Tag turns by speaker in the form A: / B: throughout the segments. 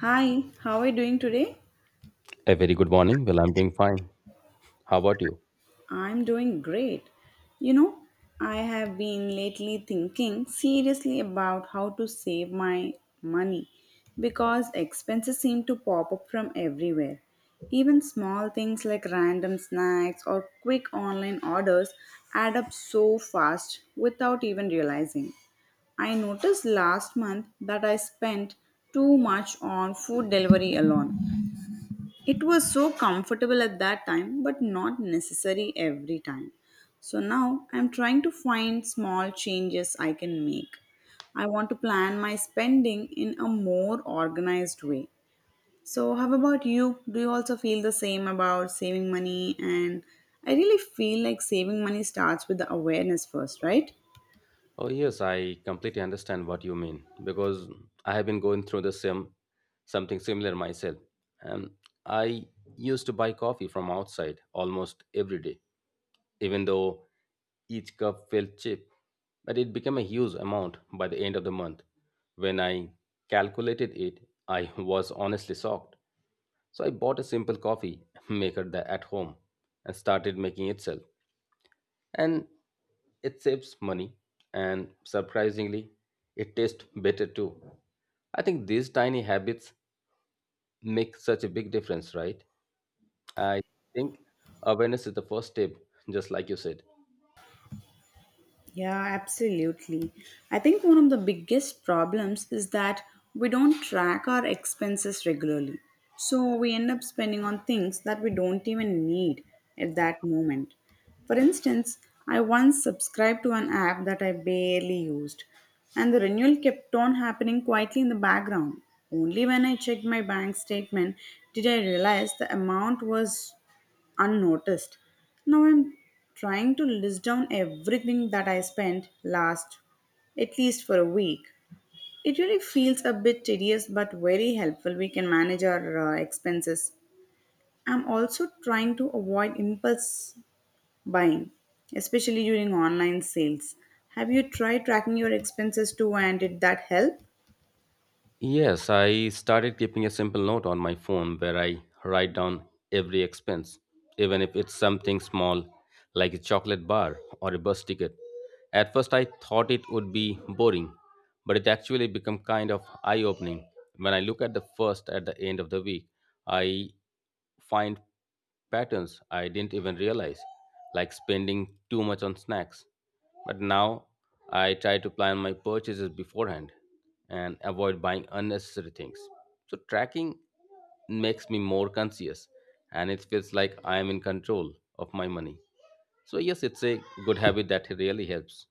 A: Hi, how are you doing today?
B: A very good morning. Well, I'm doing fine. How about you?
A: I'm doing great. You know, I have been lately thinking seriously about how to save my money because expenses seem to pop up from everywhere. Even small things like random snacks or quick online orders add up so fast without even realizing. I noticed last month that I spent too much on food delivery alone. It was so comfortable at that time but not necessary every time. So now I'm trying to find small changes I can make. I want to plan my spending in a more organized way. So how about you? Do you also feel the same about saving money? And I really feel like saving money starts with the awareness first, right?
B: Oh, yes, I completely understand what you mean because I have been going through the same something similar myself. Um, I used to buy coffee from outside almost every day, even though each cup felt cheap, but it became a huge amount by the end of the month. When I calculated it, I was honestly shocked. So I bought a simple coffee maker at home and started making itself. And it saves money and surprisingly, it tastes better too. I think these tiny habits make such a big difference, right? I think awareness is the first step, just like you said.
A: Yeah, absolutely. I think one of the biggest problems is that we don't track our expenses regularly. So we end up spending on things that we don't even need at that moment. For instance, I once subscribed to an app that I barely used, and the renewal kept on happening quietly in the background. Only when I checked my bank statement did I realize the amount was unnoticed. Now I'm trying to list down everything that I spent last, at least for a week. It really feels a bit tedious but very helpful. We can manage our expenses. I'm also trying to avoid impulse buying, especially during online sales. Have you tried tracking your expenses too and did that help?
B: Yes, I started keeping a simple note on my phone where I write down every expense, even if it's something small like a chocolate bar or a bus ticket. At first, I thought it would be boring, but it actually became kind of eye opening. When I look at the first at the end of the week, I find patterns I didn't even realize, like spending too much on snacks. But now I try to plan my purchases beforehand and avoid buying unnecessary things. So tracking makes me more conscious and it feels like I am in control of my money. So, yes, it's a good habit that really helps.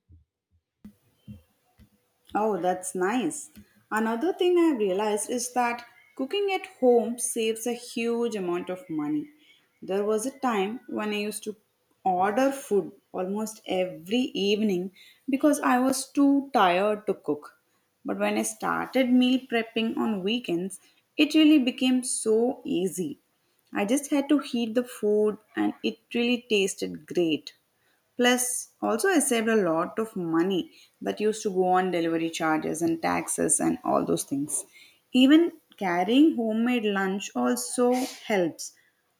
A: Oh, that's nice. Another thing I've realized is that cooking at home saves a huge amount of money. There was a time when I used to order food almost every evening because I was too tired to cook. But when I started meal prepping on weekends, it really became so easy. I just had to heat the food and it really tasted great. Plus, also I saved a lot of money that used to go on delivery charges and taxes and all those things. Even carrying homemade lunch also helps.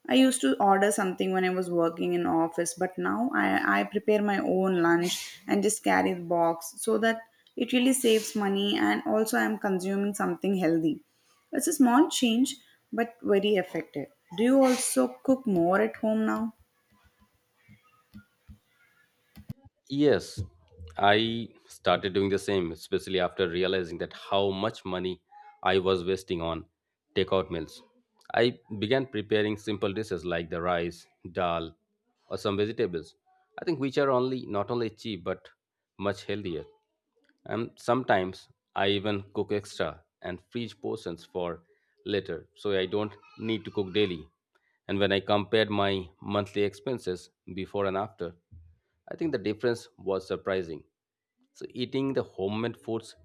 A: I used to order something when I was working in office, but now I prepare my own lunch and just carry the box so that it really saves money and also I'm consuming something healthy. It's a small change, but very effective. Do you also cook more at home now?
B: Yes, I started doing the same, especially after realizing that how much money I was wasting on takeout meals. I began preparing simple dishes like the rice, dal, or some vegetables. I think which are only not only cheap but much healthier. And sometimes I even cook extra and freeze portions for later so I don't need to cook daily. And when I compared my monthly expenses before and after, I think the difference was surprising. So eating the homemade foods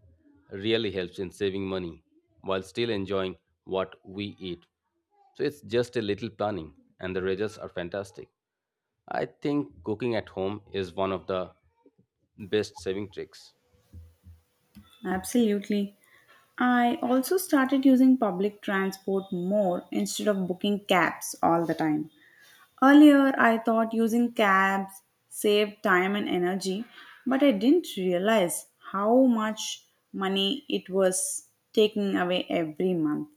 B: really helps in saving money while still enjoying what we eat. So it's just a little planning and the results are fantastic. I think cooking at home is one of the best saving tricks.
A: Absolutely. I also started using public transport more instead of booking cabs all the time. Earlier, I thought using cabs saved time and energy, but I didn't realize how much money it was taking away every month.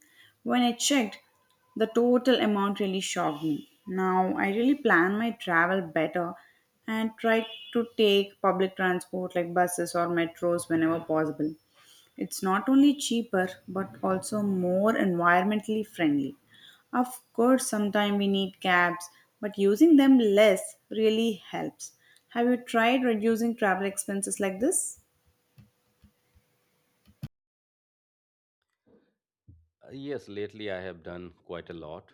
A: When I checked, the total amount really shocked me. Now, I really plan my travel better and try to take public transport like buses or metros whenever possible. It's not only cheaper but also more environmentally friendly. Of course, sometimes we need cabs, but using them less really helps. Have you tried reducing travel expenses like this?
B: Yes, lately I have done quite a lot.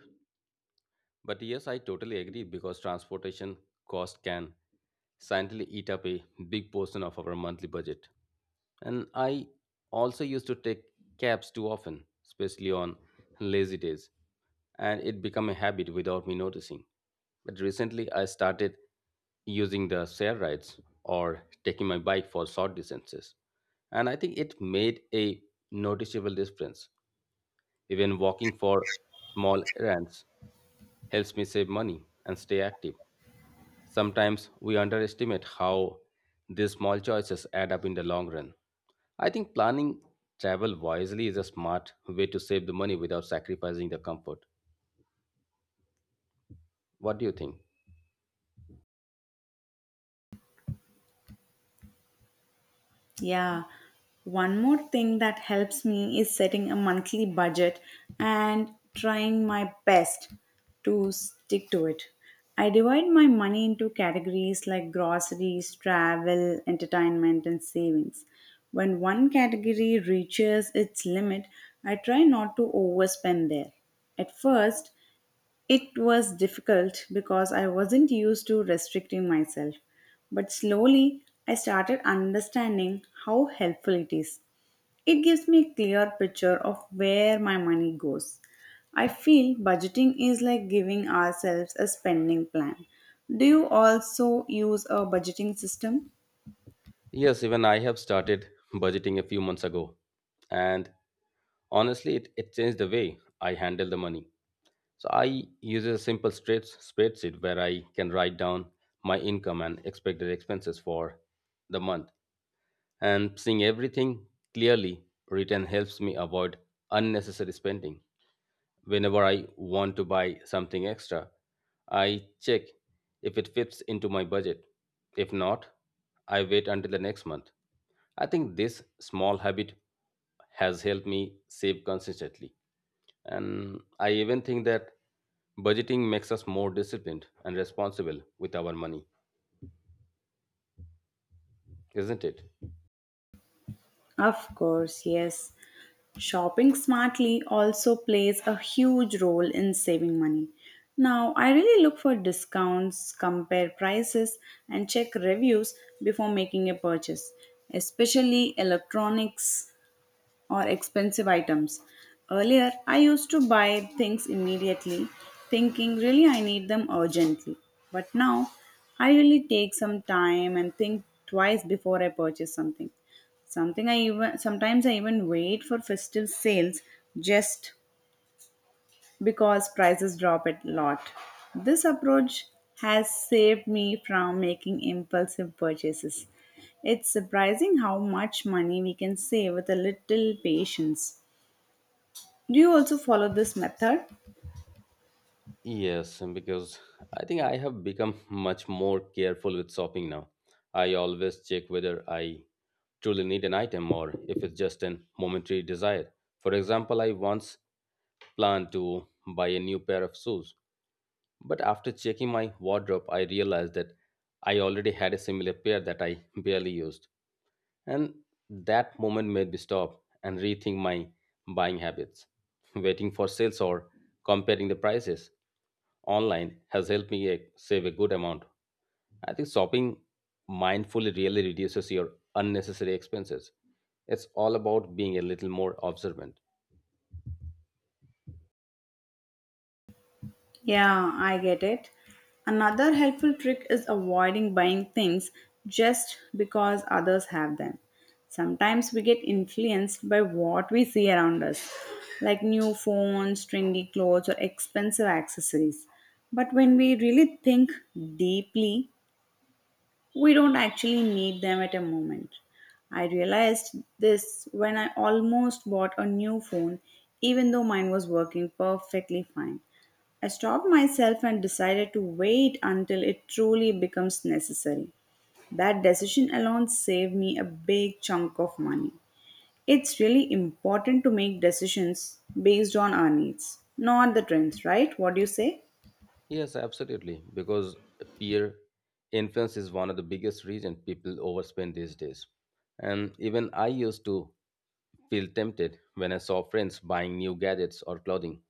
B: But yes, I totally agree because transportation cost can silently eat up a big portion of our monthly budget. And I also used to take cabs too often, especially on lazy days, and it became a habit without me noticing. But recently I started using the share rides or taking my bike for short distances. And I think it made a noticeable difference even walking for small errands helps me save money and stay active. Sometimes we underestimate how these small choices add up in the long run. I think planning travel wisely is a smart way to save the money without sacrificing the comfort. What do you think?
A: Yeah. One more thing that helps me is setting a monthly budget and trying my best to stick to it. I divide my money into categories like groceries, travel, entertainment, and savings. When one category reaches its limit, I try not to overspend there. At first, it was difficult because I wasn't used to restricting myself, but slowly I started understanding how helpful it is. It gives me a clear picture of where my money goes. I feel budgeting is like giving ourselves a spending plan. Do you also use a budgeting system?
B: Yes, even I have started budgeting a few months ago. And honestly, it changed the way I handle the money. So I use a simple straight spreadsheet where I can write down my income and expected expenses for the month. And seeing everything clearly written helps me avoid unnecessary spending. Whenever I want to buy something extra, I check if it fits into my budget. If not, I wait until the next month. I think this small habit has helped me save consistently. And I even think that budgeting makes us more disciplined and responsible with our money, isn't it?
A: Of course, yes. Shopping smartly also plays a huge role in saving money. Now, I really look for discounts, compare prices, and check reviews before making a purchase, especially electronics or expensive items. Earlier, I used to buy things immediately, thinking really I need them urgently. But now, I really take some time and think twice before I purchase something. Something I even sometimes I even wait for festive sales just because prices drop a lot. This approach has saved me from making impulsive purchases. It's surprising how much money we can save with a little patience. Do you also follow this method?
B: Yes, and because I think I have become much more careful with shopping now. I always check whether I truly need an item or if it's just a momentary desire. For example, I once planned to buy a new pair of shoes, but after checking my wardrobe, I realized that I already had a similar pair that I barely used. And that moment made me stop and rethink my buying habits. Waiting for sales or comparing the prices online has helped me save a good amount. I think shopping mindfully really reduces your unnecessary expenses. It's all about being a little more observant.
A: Yeah, I get it. Another helpful trick is avoiding buying things just because others have them. Sometimes we get influenced by what we see around us, like new phones, trendy clothes, or expensive accessories. But when we really think deeply, we don't actually need them at a moment. I realized this when I almost bought a new phone, even though mine was working perfectly fine. I stopped myself and decided to wait until it truly becomes necessary. That decision alone saved me a big chunk of money. It's really important to make decisions based on our needs, not the trends, right? What do you say?
B: Yes, absolutely. Because peer influence is one of the biggest reason people overspend these days. And even I used to feel tempted when I saw friends buying new gadgets or clothing.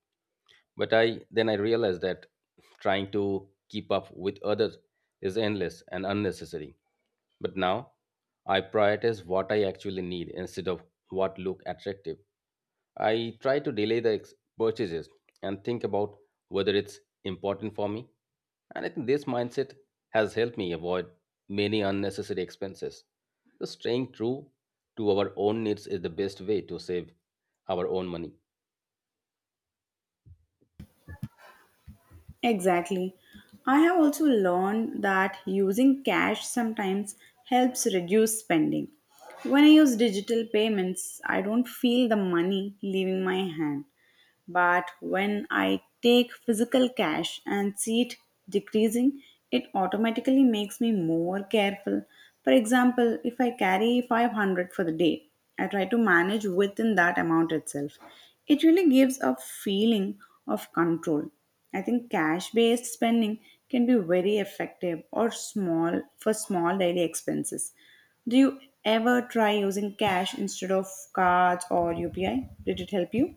B: But I then I realized that trying to keep up with others is endless and unnecessary. But now I prioritize what I actually need instead of what look attractive. I try to delay the purchases and think about whether it's important for me. And I think this mindset has helped me avoid many unnecessary expenses. So, staying true to our own needs is the best way to save our own money.
A: Exactly. I have also learned that using cash sometimes helps reduce spending. When I use digital payments, I don't feel the money leaving my hand. But when I take physical cash and see it decreasing, it automatically makes me more careful. For example, if I carry 500 for the day, I try to manage within that amount itself. It really gives a feeling of control. I think cash based spending can be very effective or small for small daily expenses. Do you ever try using cash instead of cards or UPI? Did it help you?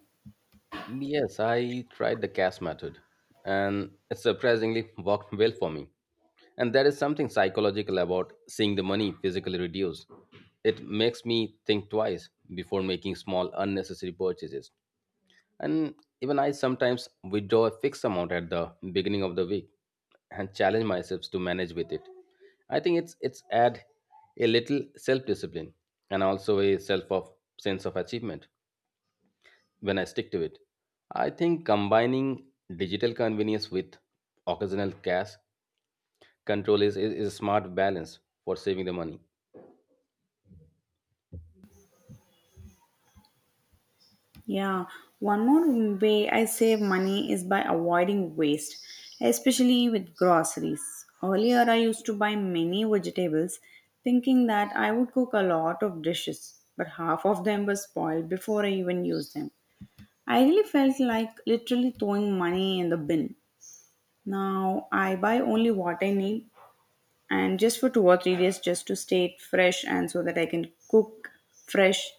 B: Yes, I tried the cash method, and it surprisingly worked well for me. And there is something psychological about seeing the money physically reduce. It makes me think twice before making small unnecessary purchases. And even I sometimes withdraw a fixed amount at the beginning of the week and challenge myself to manage with it. I think it's add a little self-discipline and also a self of sense of achievement when I stick to it. I think combining digital convenience with occasional cash control is a smart balance for saving the money.
A: Yeah, one more way I save money is by avoiding waste, especially with groceries. Earlier, I used to buy many vegetables thinking that I would cook a lot of dishes, but half of them were spoiled before I even used them. I really felt like literally throwing money in the bin. Now, I buy only what I need and just for 2 or 3 days just to stay it fresh and so that I can cook fresh.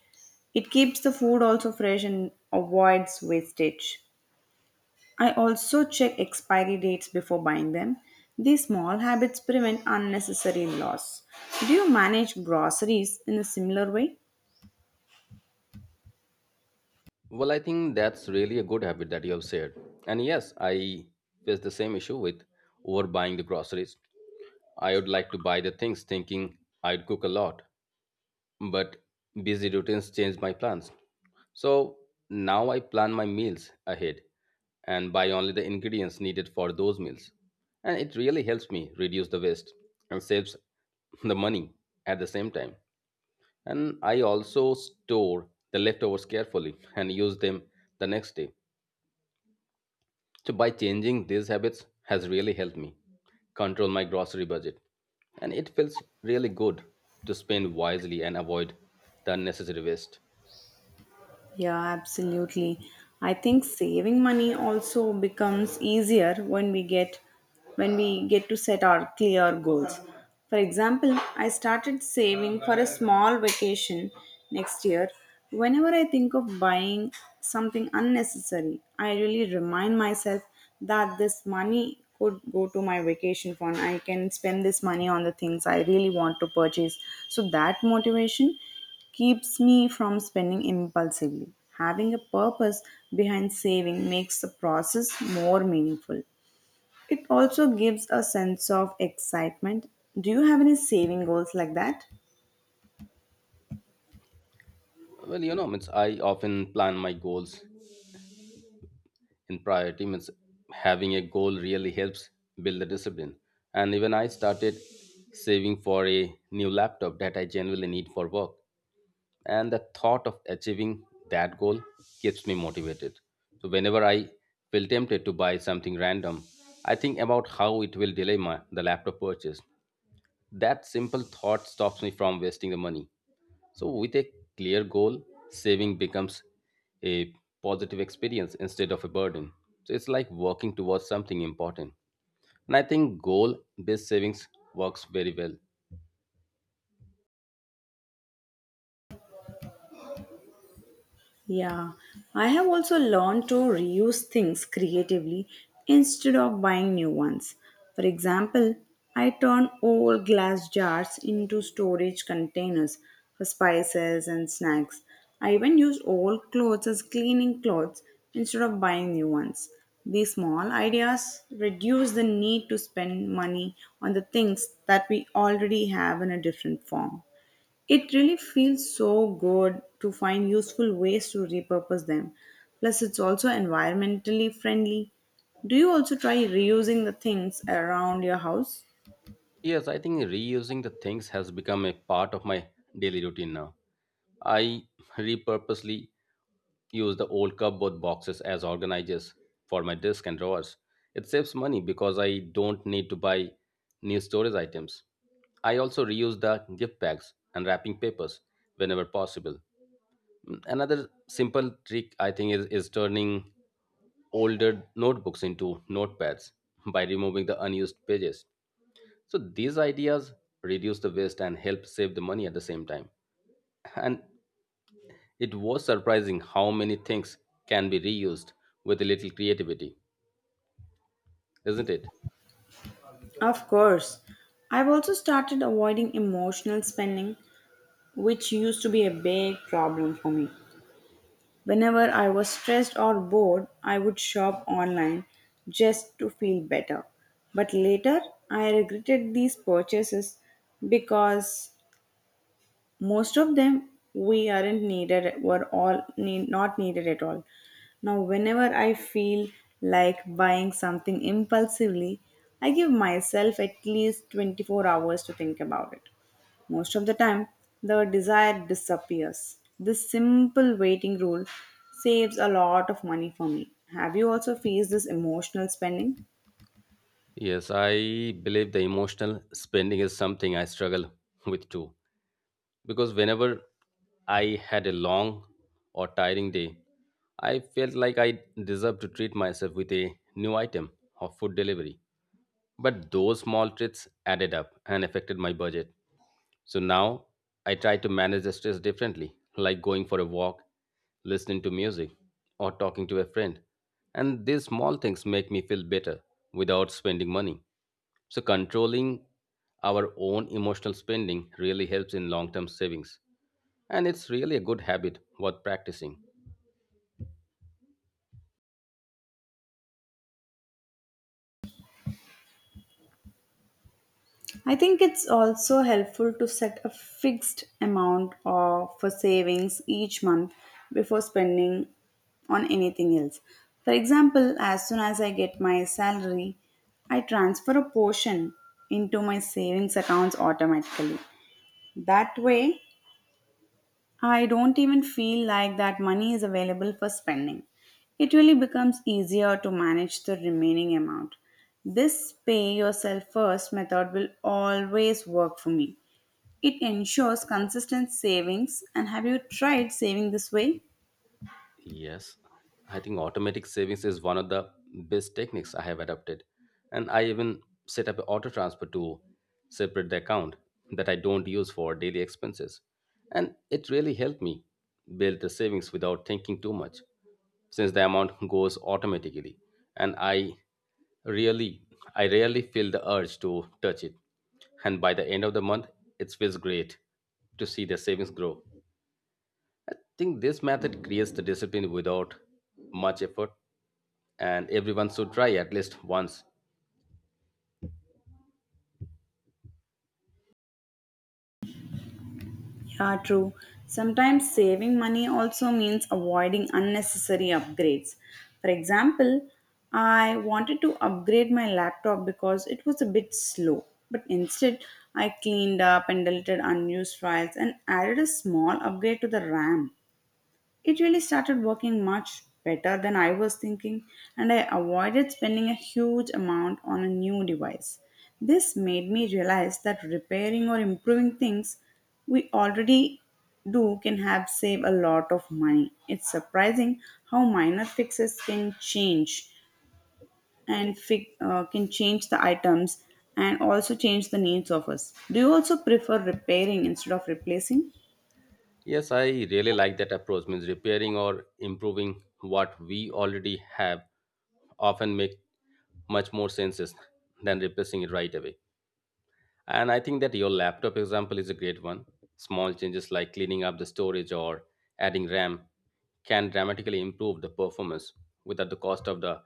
A: It keeps the food also fresh and avoids wastage. I also check expiry dates before buying them. These small habits prevent unnecessary loss. Do you manage groceries in a similar way?
B: Well, I think that's really a good habit that you have shared. And yes, I face the same issue with overbuying the groceries. I would like to buy the things thinking I'd cook a lot, but busy routines change my plans. So now I plan my meals ahead and buy only the ingredients needed for those meals. And it really helps me reduce the waste and saves the money at the same time. And I also store the leftovers carefully and use them the next day. So by changing these habits has really helped me control my grocery budget. And it feels really good to spend wisely and avoid the unnecessary waste.
A: Yeah, absolutely. I think saving money also becomes easier when we get to set our clear goals. For example, I started saving for a small vacation next year. Whenever I think of buying something unnecessary, I really remind myself that this money could go to my vacation fund. I can spend this money on the things I really want to purchase. So that motivation keeps me from spending impulsively. Having a purpose behind saving makes the process more meaningful. It also gives a sense of excitement. Do you have any saving goals like that?
B: Well, you know, means I often plan my goals in priority. Means having a goal really helps build the discipline. And even I started saving for a new laptop that I genuinely need for work. And the thought of achieving that goal keeps me motivated. So whenever I feel tempted to buy something random, I think about how it will delay my the laptop purchase. That simple thought stops me from wasting the money. So with a clear goal, saving becomes a positive experience instead of a burden. So it's like working towards something important. And I think goal based savings works very well.
A: Yeah, I have also learned to reuse things creatively instead of buying new ones. For example, I turn old glass jars into storage containers for spices and snacks. I even use old clothes as cleaning clothes instead of buying new ones. These small ideas reduce the need to spend money on the things that we already have in a different form. It really feels so good to find useful ways to repurpose them. Plus, it's also environmentally friendly. Do you also try reusing the things around your house?
B: Yes, I think reusing the things has become a part of my daily routine now. I repurposely use the old cupboard boxes as organizers for my desk and drawers. It saves money because I don't need to buy new storage items. I also reuse the gift bags and wrapping papers whenever possible. Another simple trick I think is turning older notebooks into notepads by removing the unused pages. So these ideas reduce the waste and help save the money at the same time. And it was surprising how many things can be reused with a little creativity, isn't it?
A: Of course. I've also started avoiding emotional spending, which used to be a big problem for me. Whenever I was stressed or bored, I would shop online just to feel better. But later, I regretted these purchases because most of them we aren't needed, were all need, not needed at all. Now, whenever I feel like buying something impulsively, I give myself at least 24 hours to think about it. Most of the time, the desire disappears. This simple waiting rule saves a lot of money for me. Have you also faced this emotional spending?
B: Yes, I believe the emotional spending is something I struggle with too. Because whenever I had a long or tiring day, I felt like I deserved to treat myself with a new item of food delivery. But those small treats added up and affected my budget. So now I try to manage the stress differently, like going for a walk, listening to music, or talking to a friend. And these small things make me feel better without spending money. So controlling our own emotional spending really helps in long term savings. And it's really a good habit worth practicing.
A: I think it's also helpful to set a fixed amount of, for savings each month before spending on anything else. For example, as soon as I get my salary, I transfer a portion into my savings accounts automatically. That way, I don't even feel like that money is available for spending. It really becomes easier to manage the remaining amount. This pay yourself first method will always work for me. It ensures consistent savings. And have you tried saving this way?
B: Yes, I think automatic savings is one of the best techniques I have adopted. And I even set up an auto transfer to separate the account that I don't use for daily expenses. And it really helped me build the savings without thinking too much, since the amount goes automatically. And really, I rarely feel the urge to touch it. And by the end of the month, it feels great to see the savings grow. I think this method creates the discipline without much effort, and everyone should try at least once.
A: Yeah, true. Sometimes saving money also means avoiding unnecessary upgrades. For example, I wanted to upgrade my laptop because it was a bit slow, but instead, I cleaned up and deleted unused files and added a small upgrade to the RAM. It really started working much better than I was thinking, and I avoided spending a huge amount on a new device. This made me realize that repairing or improving things we already do can have save a lot of money. It's surprising how minor fixes can change and can change the items and also change the needs of us. Do you also prefer repairing instead of replacing?
B: Yes, I really like that approach. Means repairing or improving what we already have often make much more senses than replacing it right away. And I think that your laptop example is a great one. Small changes like cleaning up the storage or adding RAM can dramatically improve the performance without the cost of the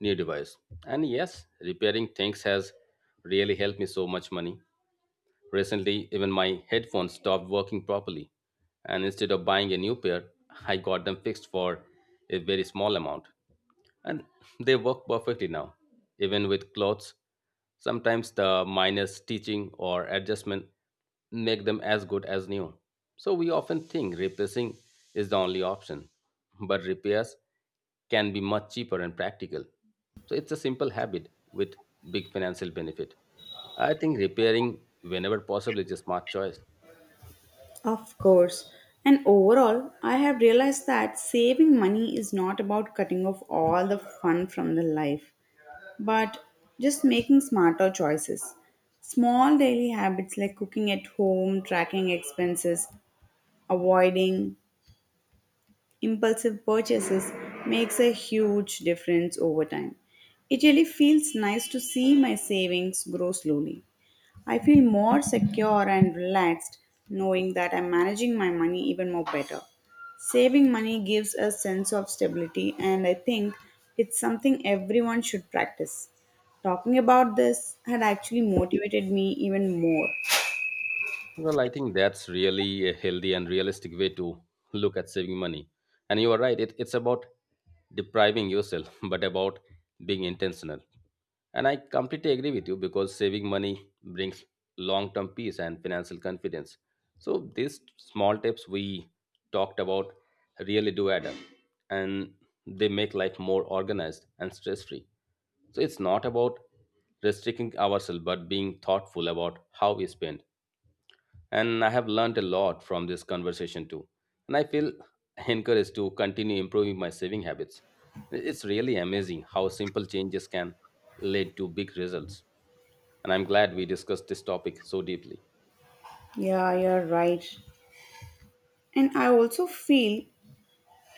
B: new device. And yes, repairing things has really helped me so much money. Recently, even my headphones stopped working properly. And instead of buying a new pair, I got them fixed for a very small amount and they work perfectly now, even with clothes. Sometimes the minor stitching or adjustment make them as good as new. So we often think replacing is the only option, but repairs can be much cheaper and practical. So it's a simple habit with big financial benefit. I think repairing whenever possible is a smart choice.
A: Of course. And overall, I have realized that saving money is not about cutting off all the fun from the life, but just making smarter choices. Small daily habits like cooking at home, tracking expenses, avoiding impulsive purchases makes a huge difference over time. It really feels nice to see my savings grow slowly. I feel more secure and relaxed knowing that I'm managing my money even more better. Saving money gives a sense of stability, and I think it's something everyone should practice. Talking about this had actually motivated me even more.
B: Well, I think that's really a healthy and realistic way to look at saving money. And you are right, it's about depriving yourself, but about being intentional. And I completely agree with you because saving money brings long term peace and financial confidence. So, these small tips we talked about really do add up and they make life more organized and stress free. So, it's not about restricting ourselves, but being thoughtful about how we spend, and I have learned a lot from this conversation too. And I feel encouraged to continue improving my saving habits. It's really amazing how simple changes can lead to big results. And I'm glad we discussed this topic so deeply.
A: Yeah, you're right. And I also feel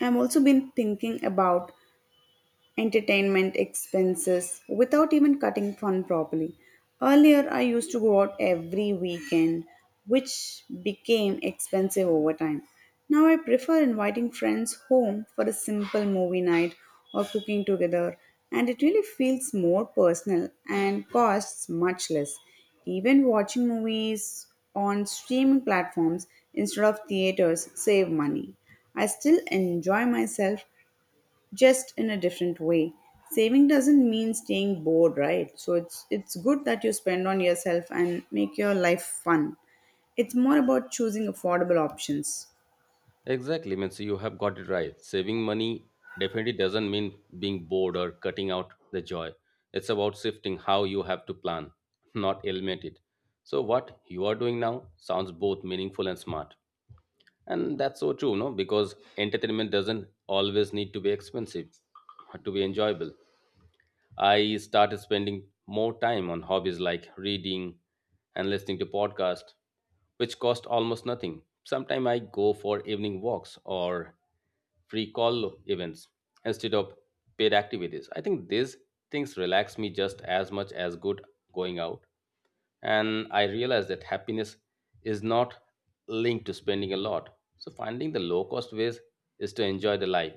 A: I have also been thinking about entertainment expenses without even cutting fun properly. Earlier, I used to go out every weekend, which became expensive over time. Now, I prefer inviting friends home for a simple movie night or cooking together, and it really feels more personal and costs much less. Even watching movies on streaming platforms instead of theaters save money. I still enjoy myself, just in a different way. Saving doesn't mean staying bored, right? So it's good that you spend on yourself and make your life fun. It's more about choosing affordable options.
B: Exactly, means you have got it right. Saving money definitely doesn't mean being bored or cutting out the joy. It's about shifting how you have to plan, not eliminate it. So, what you are doing now sounds both meaningful and smart. And that's so true, no? Because entertainment doesn't always need to be expensive to be enjoyable. I started spending more time on hobbies like reading and listening to podcasts, which cost almost nothing. Sometimes I go for evening walks or free call events instead of paid activities. I think these things relax me just as much as good going out, and I realized that happiness is not linked to spending a lot. So finding the low cost ways is to enjoy the life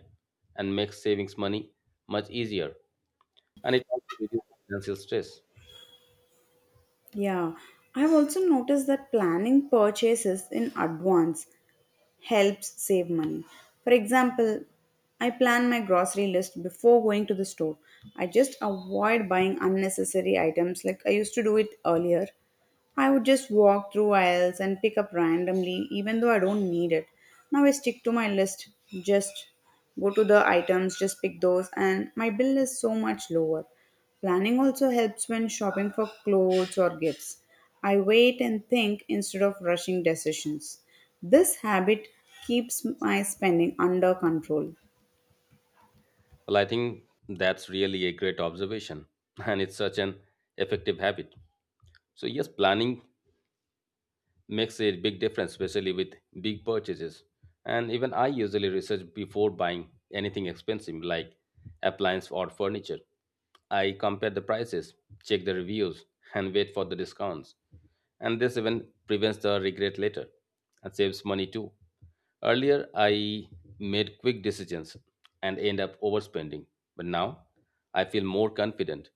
B: and make savings money much easier, and it also reduces financial stress.
A: Yeah, I've also noticed that planning purchases in advance helps save money. For example, I plan my grocery list before going to the store. I just avoid buying unnecessary items like I used to do it earlier. I would just walk through aisles and pick up randomly, even though I don't need it. Now I stick to my list, just go to the items, just pick those, and my bill is so much lower. Planning also helps when shopping for clothes or gifts. I wait and think instead of rushing decisions. This habit keeps my spending under control.
B: Well, I think that's really a great observation and it's such an effective habit. So yes, planning makes a big difference, especially with big purchases. And even I usually research before buying anything expensive like appliance or furniture. I compare the prices, check the reviews, and wait for the discounts. And this even prevents the regret later and saves money too. Earlier, I made quick decisions and end up overspending, but now I feel more confident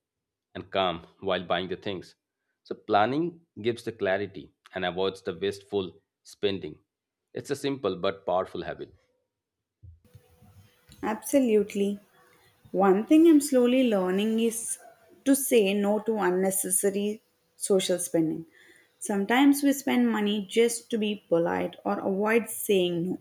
B: and calm while buying the things. So, planning gives the clarity and avoids the wasteful spending. It's a simple but powerful habit.
A: Absolutely. One thing I'm slowly learning is to say no to unnecessary social spending. Sometimes we spend money just to be polite or avoid saying no.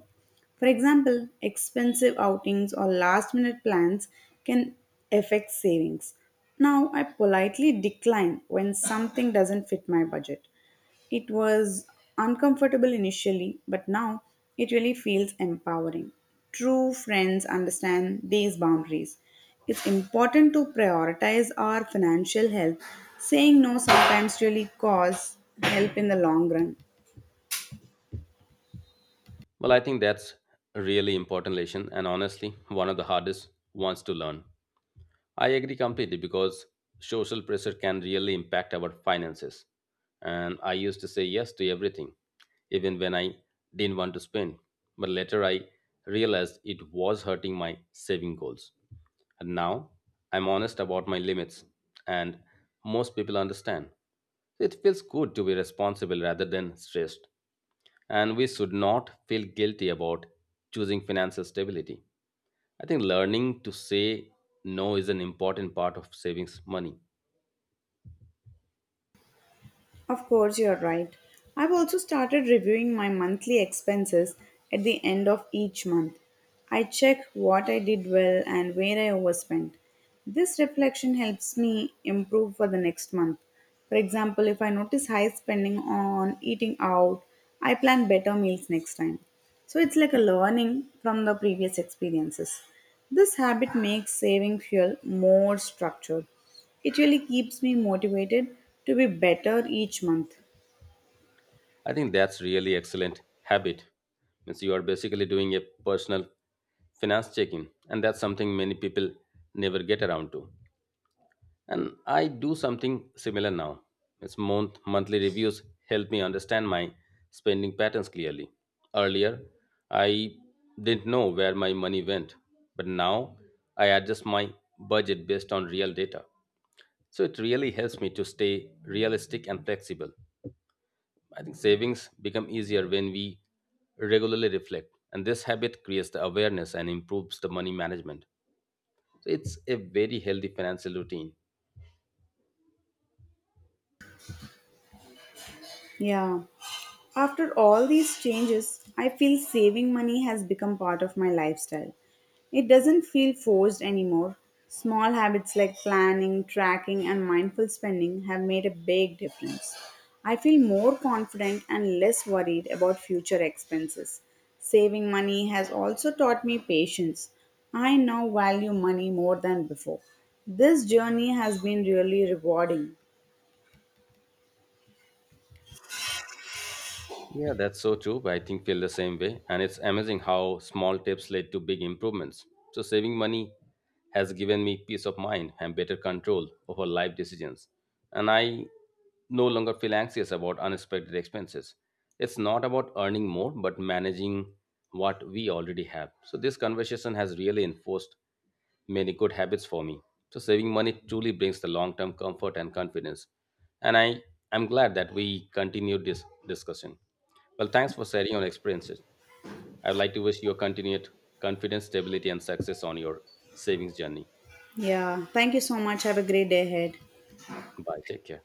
A: For example, expensive outings or last minute plans can affect savings. Now, I politely decline when something doesn't fit my budget. It was uncomfortable initially, but now it really feels empowering. True friends understand these boundaries. It's important to prioritize our financial health. Saying no sometimes really costs help in the long run.
B: Well, I think that's a really important lesson, and honestly, one of the hardest ones to learn. I agree completely because social pressure can really impact our finances. And I used to say yes to everything, even when I didn't want to spend. But later I realized it was hurting my saving goals. And now I'm honest about my limits, and most people understand. It feels good to be responsible rather than stressed. And we should not feel guilty about choosing financial stability. I think learning to say no is an important part of savings money.
A: Of course, you're right. I've also started reviewing my monthly expenses at the end of each month. I check what I did well and where I overspent. This reflection helps me improve for the next month. For example, if I notice high spending on eating out, I plan better meals next time. So it's like a learning from the previous experiences. This habit makes saving fuel more structured. It really keeps me motivated to be better each month.
B: I think that's really excellent habit. Means you are basically doing a personal finance check-in, and that's something many people never get around to. And I do something similar now. It's monthly reviews help me understand my spending patterns clearly. Earlier, I didn't know where my money went, but now I adjust my budget based on real data. So it really helps me to stay realistic and flexible. I think savings become easier when we regularly reflect, and this habit creates the awareness and improves the money management. So it's a very healthy financial routine.
A: Yeah. After all these changes, I feel saving money has become part of my lifestyle. It doesn't feel forced anymore. Small habits like planning, tracking, and mindful spending have made a big difference. I feel more confident and less worried about future expenses. Saving money has also taught me patience. I now value money more than before. This journey has been really rewarding.
B: Yeah, that's so true. I think feel the same way. And it's amazing how small tips led to big improvements. So saving money has given me peace of mind and better control over life decisions. And I no longer feel anxious about unexpected expenses. It's not about earning more, but managing what we already have. So this conversation has really enforced many good habits for me. So saving money truly brings the long-term comfort and confidence. And I am glad that we continued this discussion. Well, thanks for sharing your experiences. I would like to wish you continued confidence, stability, and success on your savings journey.
A: Yeah, thank you so much. Have a great day ahead.
B: Bye. Take care.